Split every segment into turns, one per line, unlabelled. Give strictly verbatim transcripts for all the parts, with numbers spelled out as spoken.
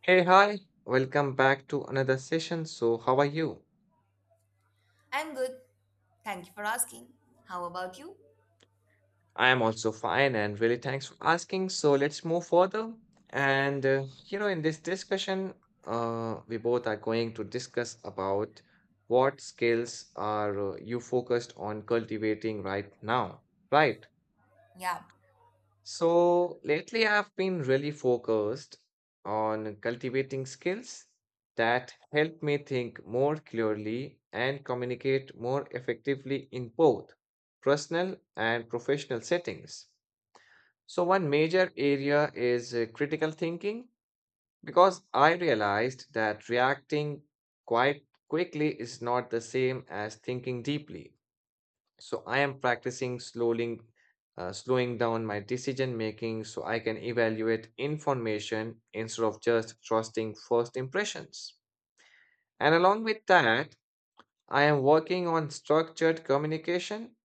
Hey, hi, welcome back to another session. So, how are you?
I'm good. Thank you for asking. How about you?
I am also fine and really thanks for asking. So, let's move further. And, uh, you know, in this discussion, uh, we both are going to discuss about what skills are uh, you focused on cultivating right now, right?
Yeah.
So lately, I've been really focused on cultivating skills that help me think more clearly and communicate more effectively in both personal and professional settings. So, one major area is uh, critical thinking because I realized that reacting quite quickly is not the same as thinking deeply. So I am practicing slowing, uh, slowing down my decision making so I can evaluate information instead of just trusting first impressions. And along with that, I am working on structured communication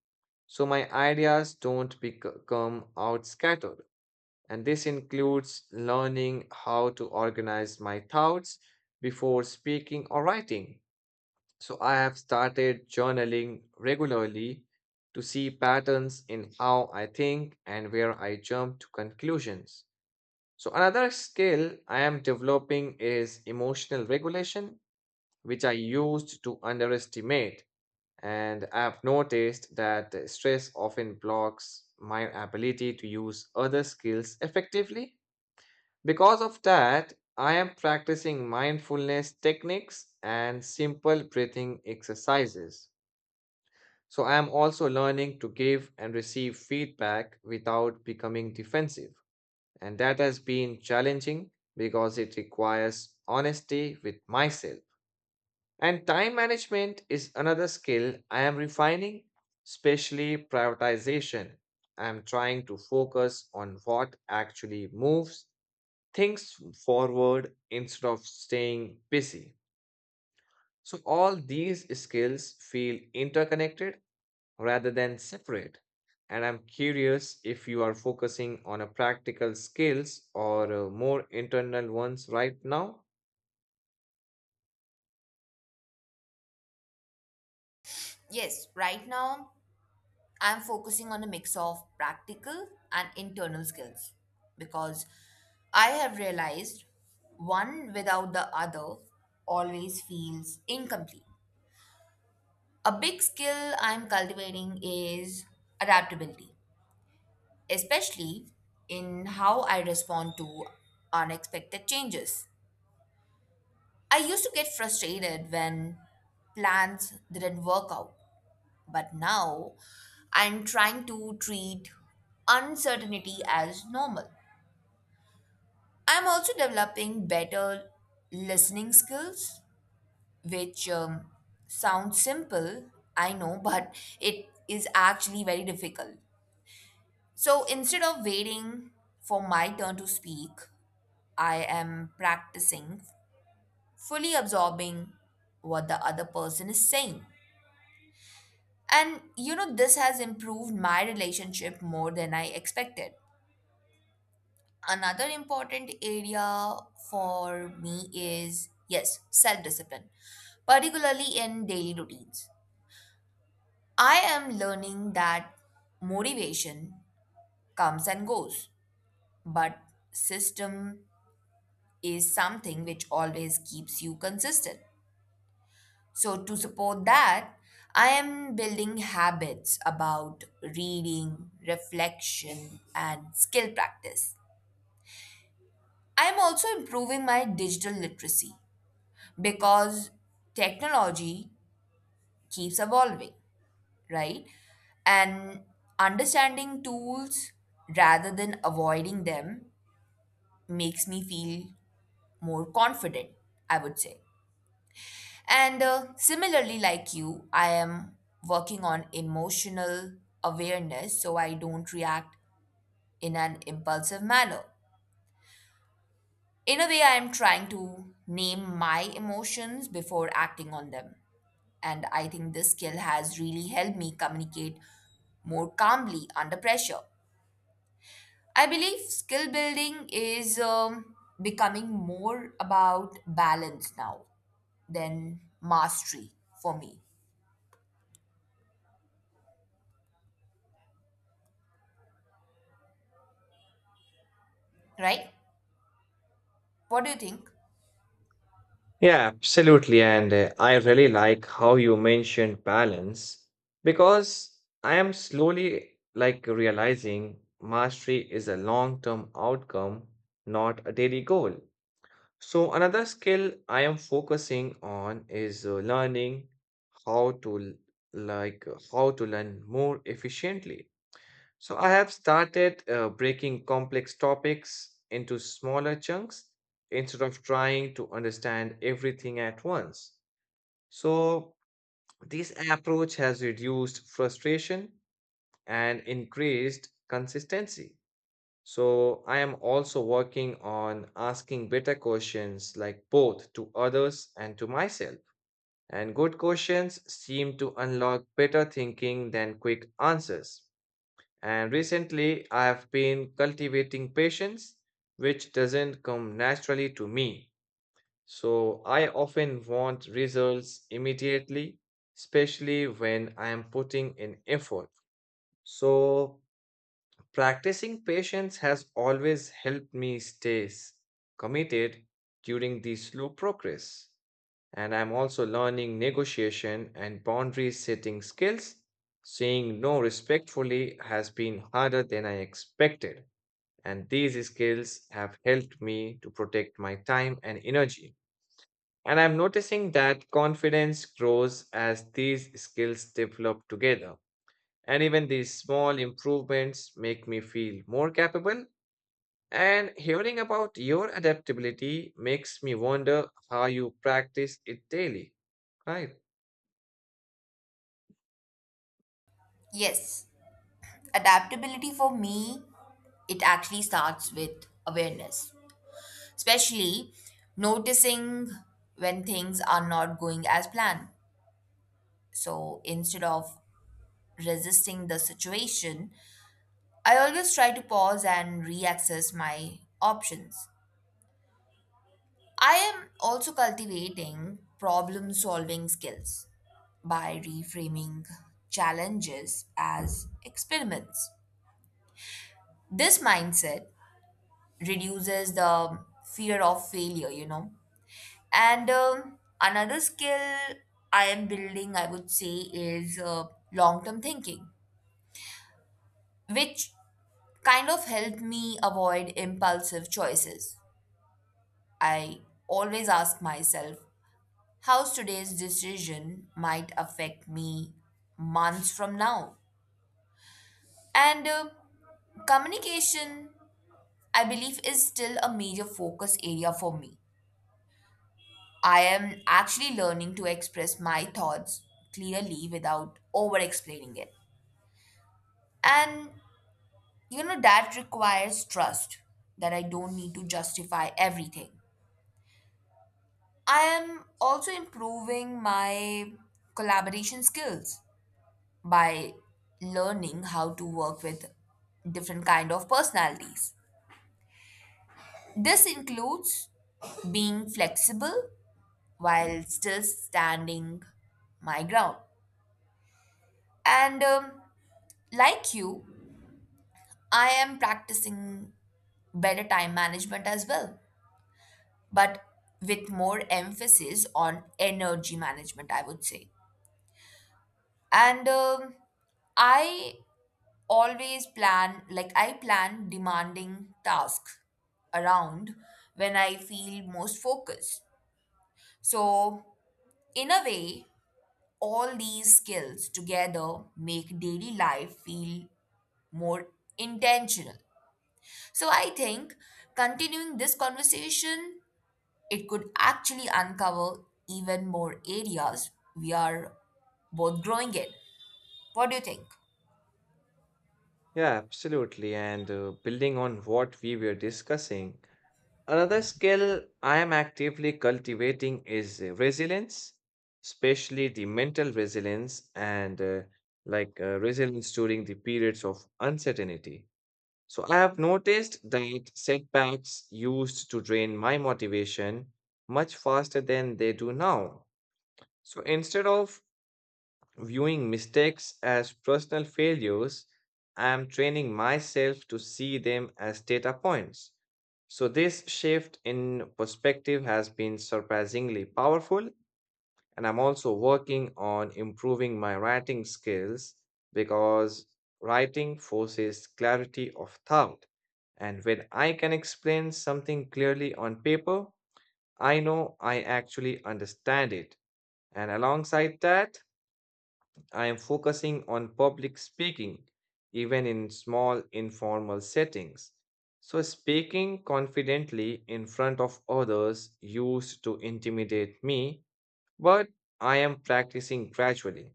so my ideas don't become out scattered. And this includes learning how to organize my thoughts before speaking or writing, so I have started journaling regularly to see patterns in how I think and where I jump to conclusions. So another skill I am developing is emotional regulation, which I used to underestimate. And I have noticed that the stress often blocks my ability to use other skills effectively. Because of that, I am practicing mindfulness techniques and simple breathing exercises. So I am also learning to give and receive feedback without becoming defensive. And that has been challenging because it requires honesty with myself. And time management is another skill I am refining, especially prioritization. I am trying to focus on what actually moves things forward instead of staying busy. So, all these skills feel interconnected rather than separate. And I'm curious if you are focusing on a practical skills or uh, more internal ones right now.
Yes, right now I'm focusing on a mix of practical and internal skills because I have realized one without the other always feels incomplete. A big skill I'm cultivating is adaptability, especially in how I respond to unexpected changes. I used to get frustrated when plans didn't work out, but now I'm trying to treat uncertainty as normal. I'm also developing better listening skills, which um, sounds simple, I know, but it is actually very difficult. So instead of waiting for my turn to speak, I am practicing fully absorbing what the other person is saying. And you know, this has improved my relationship more than I expected. Another important area for me is, yes, self discipline, particularly in daily routines. I am learning that motivation comes and goes, but system is something which always keeps you consistent. So, to support that, I am building habits about reading, reflection, and skill practice. I am also improving my digital literacy because technology keeps evolving, right? And understanding tools rather than avoiding them makes me feel more confident, I would say. And uh, similarly, like you, I am working on emotional awareness so I don't react in an impulsive manner. In a way, I am trying to name my emotions before acting on them. And I think this skill has really helped me communicate more calmly under pressure. I believe skill building is um, becoming more about balance now than mastery for me, right? What do you think?
Yeah, absolutely. And uh, I really like how you mentioned balance because I am slowly like realizing mastery is a long term outcome, not a daily goal. So, another skill I am focusing on is uh, learning how to l- like uh, how to learn more efficiently. So, I have started uh, breaking complex topics into smaller chunks instead of trying to understand everything at once. So, this approach has reduced frustration and increased consistency. So I am also working on asking better questions, like both to others and to myself. And good questions seem to unlock better thinking than quick answers. And recently I have been cultivating patience, which doesn't come naturally to me. So I often want results immediately, especially when I am putting in effort. So practicing patience has always helped me stay s- committed during the slow progress. And I'm also learning negotiation and boundary setting skills. Saying no respectfully has been harder than I expected. And these skills have helped me to protect my time and energy. And I'm noticing that confidence grows as these skills develop together. And even these small improvements make me feel more capable, and hearing about your adaptability makes me wonder how you practice it daily, right?
Yes, adaptability for me, it actually starts with awareness, especially noticing when things are not going as planned. So instead of resisting the situation, I always try to pause and reassess my options. I am also cultivating problem solving skills by reframing challenges as experiments. This mindset reduces the fear of failure, you know and um, another skill I am building, I would say, is uh, long term thinking, which kind of helped me avoid impulsive choices. I always ask myself how today's decision might affect me months from now. And uh, communication, I believe, is still a major focus area for me. I am actually learning to express my thoughts clearly without over explaining it. And you know, that requires trust that I don't need to justify everything. I am also improving my collaboration skills by learning how to work with different kind of personalities. This includes being flexible while still standing my ground. And um, like you, I am practicing better time management as well, but with more emphasis on energy management, I would say. And um, I always plan, like, I plan demanding tasks around when I feel most focused. So, in a way, all these skills together make daily life feel more intentional. So, I think continuing this conversation, it could actually uncover even more areas we are both growing in. What do you think?
Yeah, absolutely. And uh, building on what we were discussing, another skill I am actively cultivating is uh, resilience, especially the mental resilience and uh, like uh, resilience during the periods of uncertainty. So I have noticed that setbacks used to drain my motivation much faster than they do now. So instead of viewing mistakes as personal failures, I am training myself to see them as data points. So, this shift in perspective has been surprisingly powerful, and I'm also working on improving my writing skills because writing forces clarity of thought. And when I can explain something clearly on paper, I know I actually understand it. And alongside that, I am focusing on public speaking, even in small informal settings. So, speaking confidently in front of others used to intimidate me, but I am practicing gradually.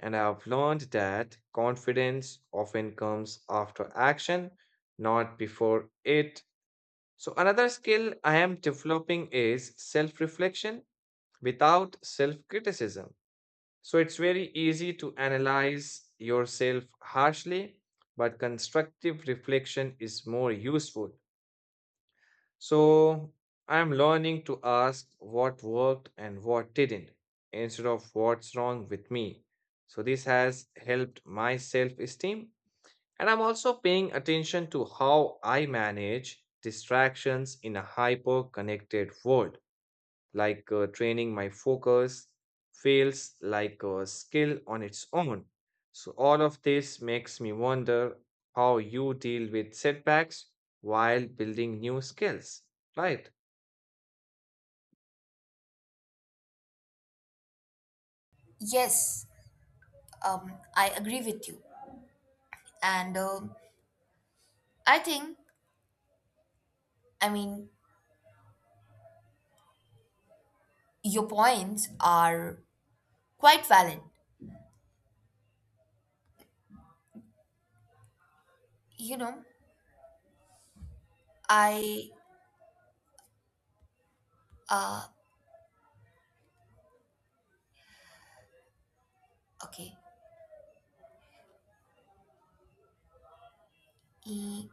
And I have learned that confidence often comes after action, not before it. So, another skill I am developing is self reflection without self criticism. So it's very easy to analyze yourself harshly, but constructive reflection is more useful. So I'm learning to ask what worked and what didn't instead of what's wrong with me. So this has helped my self esteem. And I'm also paying attention to how I manage distractions in a hyper connected world, like uh, training my focus feels like a skill on its own. So, all of this makes me wonder how you deal with setbacks while building new skills, right?
Yes, um, I agree with you. And um, I think, I mean, your points are quite valid. You know, I, uh, okay, E-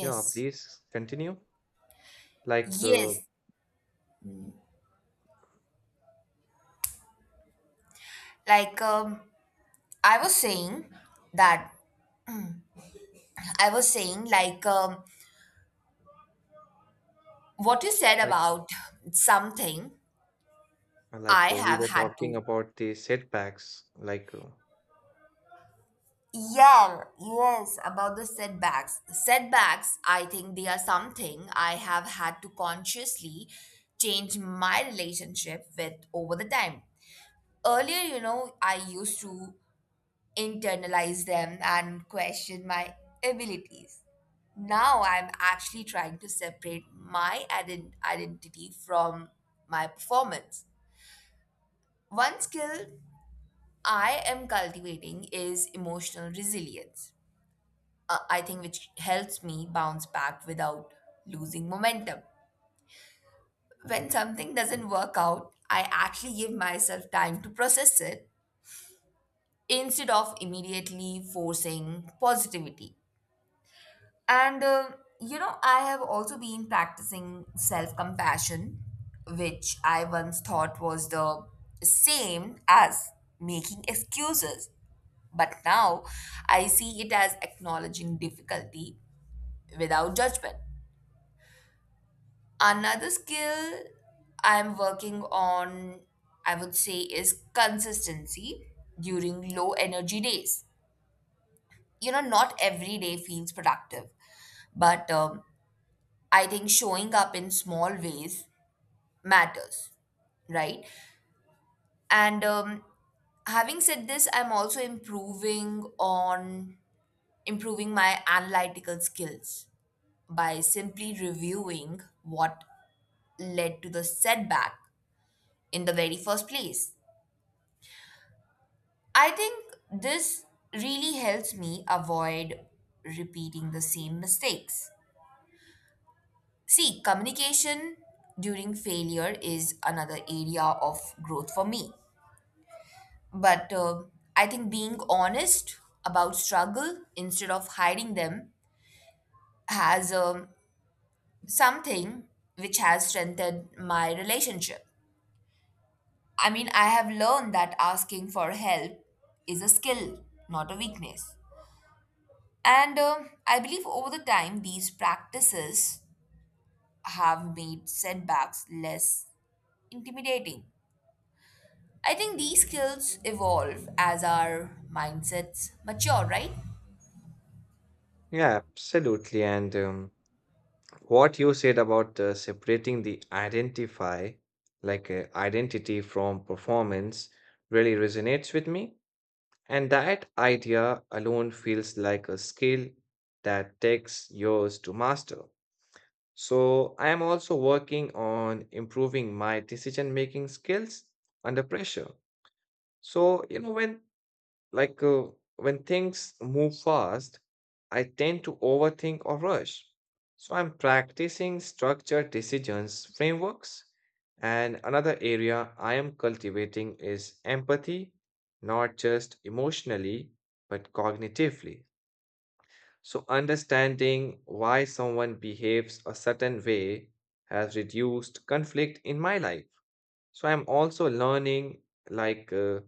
Yeah, please continue. Like, uh,
yes. Like, um, I was saying that, I was saying, like, um, what you said
like,
about something
uh,
I
like uh, we
have
were
had
talking
to.
about the setbacks, like, uh,
Yeah, yes, about the setbacks. Setbacks, I think they are something I have had to consciously change my relationship with over the time. Earlier, you know, I used to internalize them and question my abilities. Now I'm actually trying to separate my ident- identity from my performance. One skill I am cultivating is emotional resilience, uh, I think, which helps me bounce back without losing momentum. When something doesn't work out, I actually give myself time to process it instead of immediately forcing positivity. And, uh, you know, I have also been practicing self compassion, which I once thought was the same as making excuses. But now I see it as acknowledging difficulty without judgment. Another skill I'm working on, I would say, is consistency during low energy days. You know, not every day feels productive, but um, I think showing up in small ways matters, right? And um, having said this, I'm also improving on improving my analytical skills by simply reviewing what led to the setback in the very first place. I think this really helps me avoid repeating the same mistakes. See, communication during failure is another area of growth for me. But uh, I think being honest about struggle instead of hiding them has, um, something which has strengthened my relationship. I mean, I have learned that asking for help is a skill, not a weakness. And uh, I believe over the time, these practices have made setbacks less intimidating. I think these skills evolve as our mindsets mature, right?
yeah, absolutely. And um, what you said about uh, separating the identify like uh, identity from performance really resonates with me, and that idea alone feels like a skill that takes years to master. So I am also working on improving my decision making skills under pressure. So you know, when like uh, when things move fast, I tend to overthink or rush. So I'm practicing structured decisions frameworks. And another area I am cultivating is empathy, not just emotionally, but cognitively. So understanding why someone behaves a certain way has reduced conflict in my life. So I'm also learning like uh,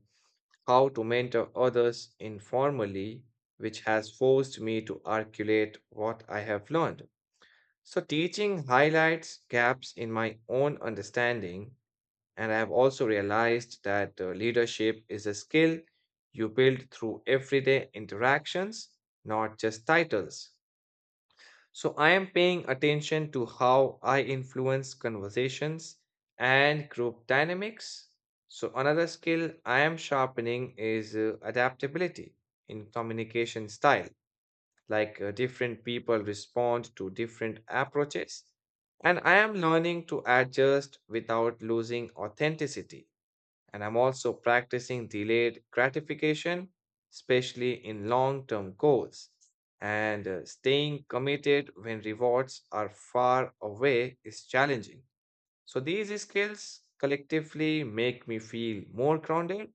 how to mentor others informally, which has forced me to articulate what I have learned. So, teaching highlights gaps in my own understanding, and I have also realized that uh, leadership is a skill you build through everyday interactions, not just titles. So I am paying attention to how I influence conversations and group dynamics. So another skill I am sharpening is uh, adaptability in communication style. Like uh, different people respond to different approaches. And I am learning to adjust without losing authenticity. And I'm also practicing delayed gratification, especially in long term goals. And uh, staying committed when rewards are far away is challenging. So, these skills collectively make me feel more grounded,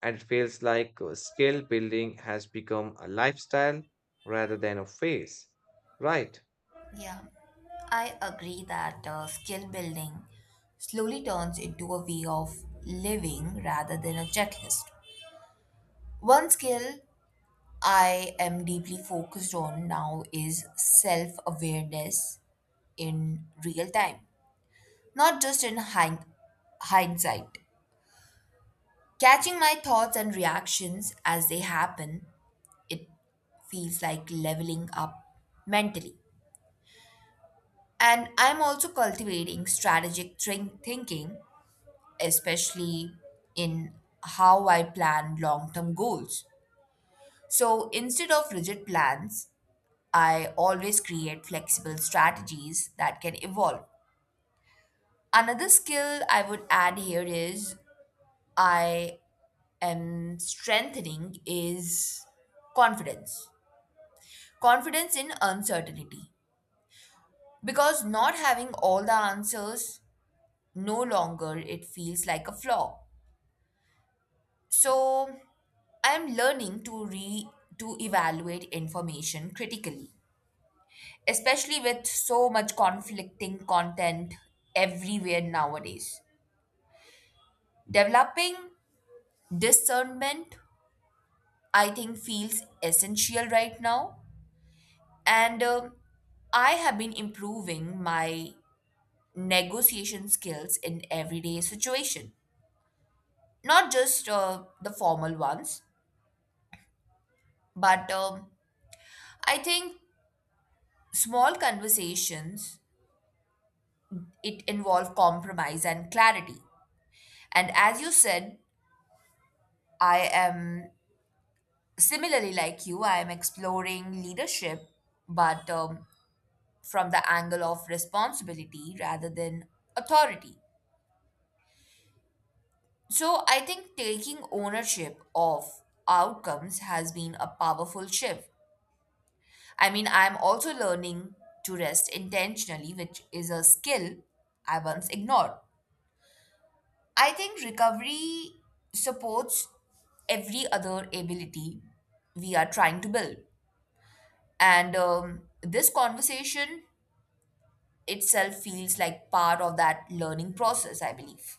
and it feels like uh, skill building has become a lifestyle rather than a phase. Right.
Yeah, I agree that uh, skill building slowly turns into a way of living rather than a checklist. One skill I am deeply focused on now is self awareness in real time, not just in hind- hindsight. Catching my thoughts and reactions as they happen, it feels like leveling up mentally. And I'm also cultivating strategic thin- thinking, especially in how I plan long term goals. So instead of rigid plans, I always create flexible strategies that can evolve. Another skill I would add here is I and strengthening is confidence. Confidence in uncertainty. Because not having all the answers no longer it feels like a flaw. So I am learning to re to evaluate information critically, especially with so much conflicting content everywhere nowadays. Developing discernment, I think, feels essential right now. And um, I have been improving my negotiation skills in everyday situation, not just uh, the formal ones, but um, I think small conversations it involve compromise and clarity. And as you said, I am similarly like you. I am exploring leadership, but um, from the angle of responsibility rather than authority. So I think taking ownership of outcomes has been a powerful shift. I mean, I'm also learning to rest intentionally, which is a skill I once ignored. I think recovery supports every other ability we are trying to build. And um, this conversation itself feels like part of that learning process, I believe.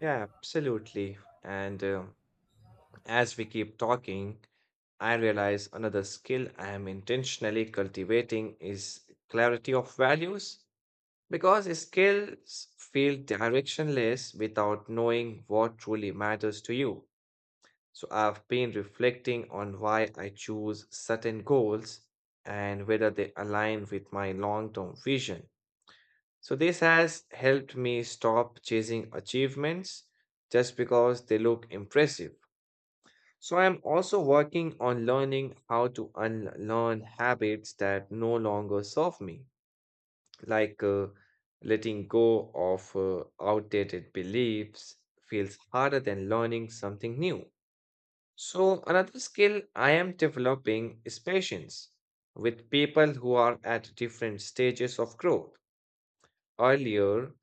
Yeah, absolutely. And uh, as we keep talking, I realize another skill I am intentionally cultivating is clarity of values because skills feel directionless without knowing what truly matters to you. So I've been reflecting on why I choose certain goals and whether they align with my long term vision. So this has helped me stop chasing achievements just because they look impressive. So I'm also working on learning how to unlearn habits that no longer serve me, like uh, letting go of uh, outdated beliefs feels harder than learning something new. So another skill I am developing is patience with people who are at different stages of growth. Earlier,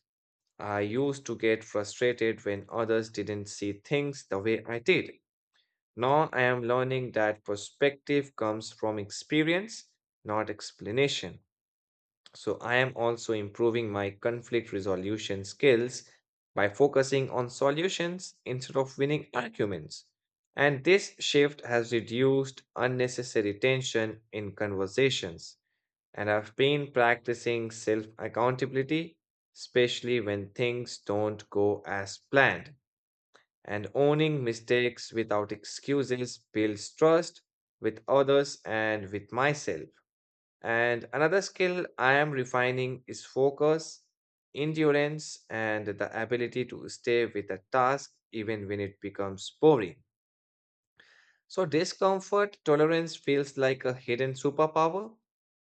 I used to get frustrated when others didn't see things the way I did. Now I am learning that perspective comes from experience, not explanation. So I am also improving my conflict resolution skills by focusing on solutions instead of winning arguments. And this shift has reduced unnecessary tension in conversations. And I've been practicing self accountability, especially when things don't go as planned. And owning mistakes without excuses builds trust with others and with myself. And another skill I am refining is focus, endurance, and the ability to stay with a task even when it becomes boring. So, discomfort tolerance feels like a hidden superpower,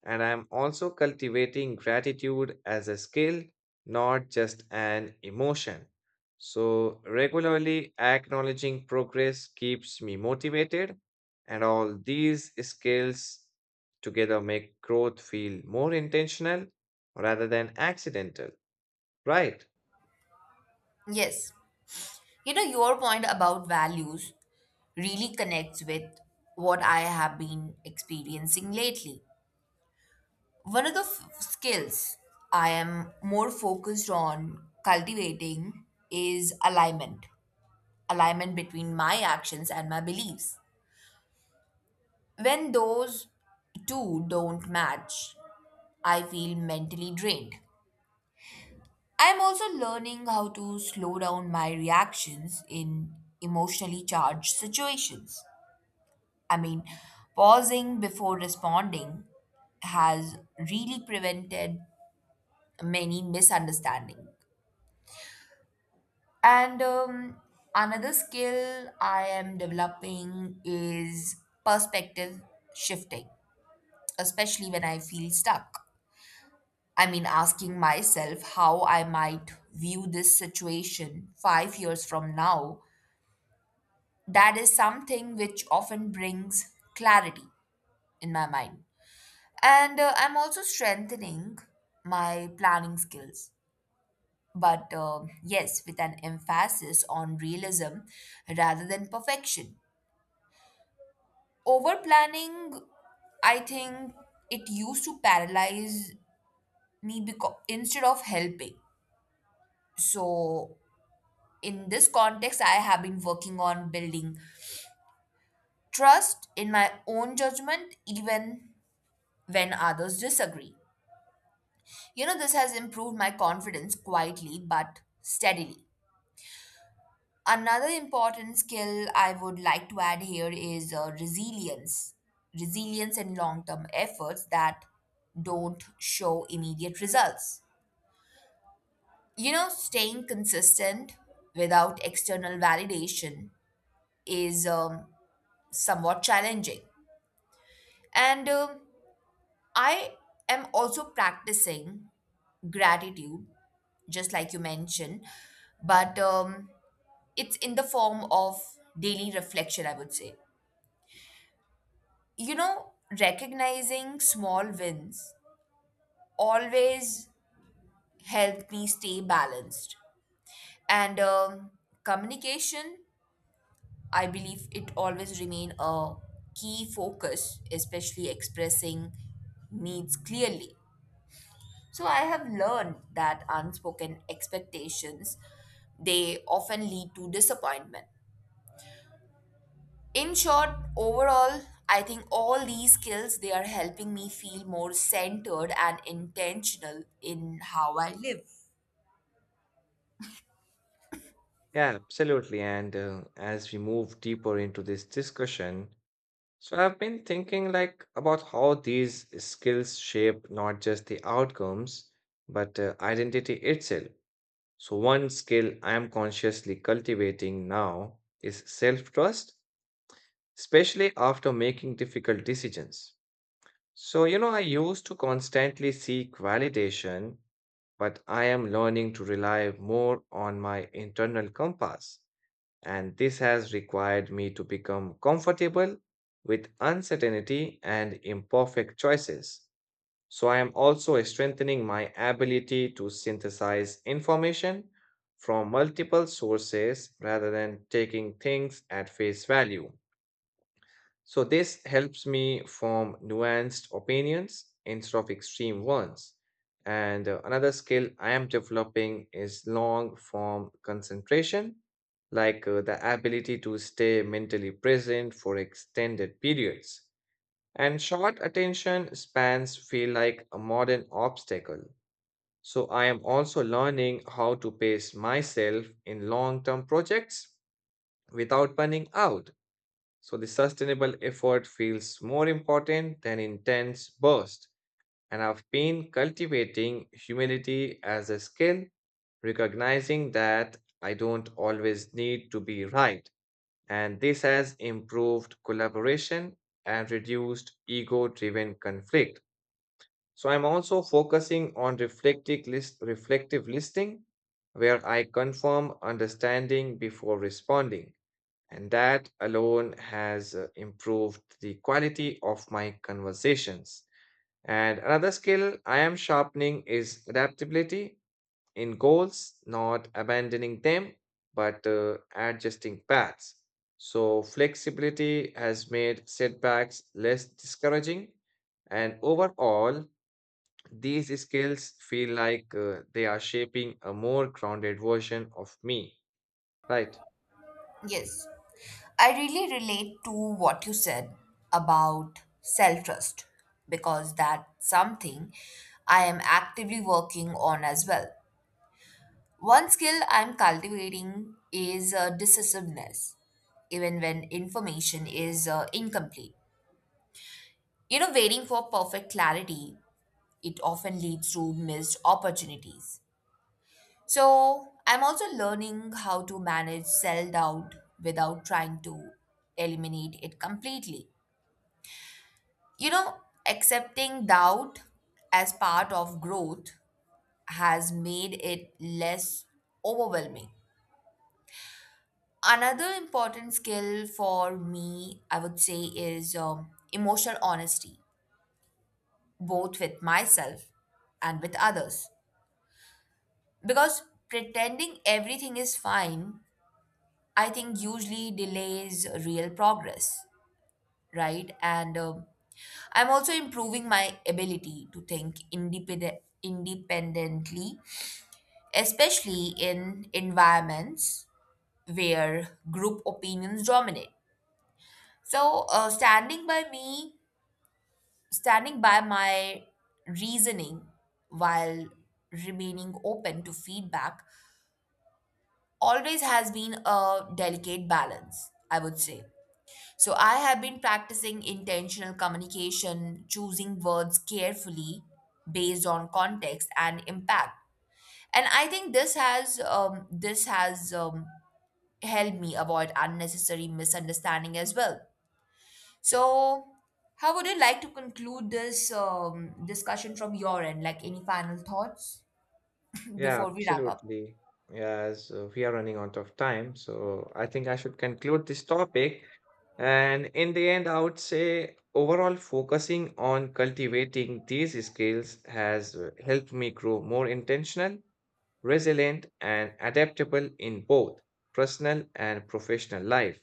and I'm also cultivating gratitude as a skill, not just an emotion. So, regularly acknowledging progress keeps me motivated, and all these skills together make growth feel more intentional rather than accidental. Right.
Yes. You know, your point about values really connects with what I have been experiencing lately. One of the f- skills I am more focused on cultivating is alignment, alignment between my actions and my beliefs. When those two don't match, I feel mentally drained. I am also learning how to slow down my reactions in emotionally charged situations. I mean, pausing before responding has really prevented many misunderstandings. And um, another skill I am developing is perspective shifting, especially when I feel stuck. I mean, asking myself how I might view this situation five years from now, that is something which often brings clarity in my mind. And uh, I'm also strengthening my planning skills. But uh, yes, with an emphasis on realism rather than perfection. Over planning, I think it used to paralyze me because instead of helping. So, in this context, I have been working on building trust in my own judgment, even when others disagree. You know, this has improved my confidence quietly but steadily. Another important skill I would like to add here is uh, resilience. Resilience and long term efforts that don't show immediate results. You know, staying consistent without external validation is um, somewhat challenging. And um, I am also practicing gratitude, just like you mentioned, but um, it's in the form of daily reflection, I would say. you know, recognizing small wins always helped me stay balanced. And um, communication, I believe it always remain a key focus, especially expressing needs clearly. So I have learned that unspoken expectations they often lead to disappointment. In short, overall, I think all these skills, they are helping me feel more centered and intentional in how I live.
Yeah, absolutely. And uh, as we move deeper into this discussion, so I've been thinking like about how these skills shape not just the outcomes, but uh, identity itself. So one skill I am consciously cultivating now is self-trust, especially after making difficult decisions. So you know, I used to constantly seek validation, but I am learning to rely more on my internal compass, and this has required me to become comfortable with uncertainty and imperfect choices. So, I am also strengthening my ability to synthesize information from multiple sources rather than taking things at face value. So, this helps me form nuanced opinions instead of extreme ones. And uh, another skill I am developing is long form concentration, like uh, the ability to stay mentally present for extended periods. And short attention spans feel like a modern obstacle. So, I am also learning how to pace myself in long term projects without burning out. So the sustainable effort feels more important than intense burst. And I've been cultivating humility as a skill, recognizing that I don't always need to be right. And this has improved collaboration and reduced ego driven conflict. So I'm also focusing on reflective, list, reflective listening, where I confirm understanding before responding. And that alone has uh, improved the quality of my conversations. And another skill I am sharpening is adaptability in goals, not abandoning them, but uh, adjusting paths. So, flexibility has made setbacks less discouraging. And overall, these skills feel like uh, they are shaping a more grounded version of me, right?
Yes, I really relate to what you said about self trust because that's something I am actively working on as well. One skill I'm cultivating is uh, decisiveness even when information is uh, incomplete. You know waiting for perfect clarity, it often leads to missed opportunities. So, I'm also learning how to manage self doubt without trying to eliminate it completely. You know, accepting doubt as part of growth has made it less overwhelming. Another important skill for me, I would say, is um, emotional honesty, both with myself and with others. Because pretending everything is fine, I think, usually delays real progress, right? And um, I'm also improving my ability to think independent, independently, especially in environments where group opinions dominate. So, uh, standing by me, standing by my reasoning while remaining open to feedback always has been a delicate balance, I would say. So I have been practicing intentional communication, choosing words carefully based on context and impact. And I think this has um, this has um, helped me avoid unnecessary misunderstanding as well. So how would you like to conclude this um, discussion from your end? Like any final thoughts
Yeah,
before we wrap up?
absolutely. As uh, we are running out of time, so I think I should conclude this topic. And in the end, I would say overall focusing on cultivating these skills has uh, helped me grow more intentional, resilient, and adaptable in both personal and professional life.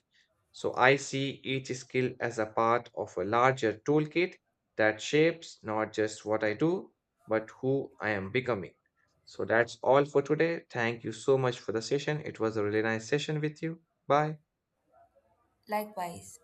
So I see each skill as a part of a larger toolkit that shapes not just what I do, but who I am becoming. So that's all for today. Thank you so much for the session. It was a really nice session with you. Bye.
Likewise.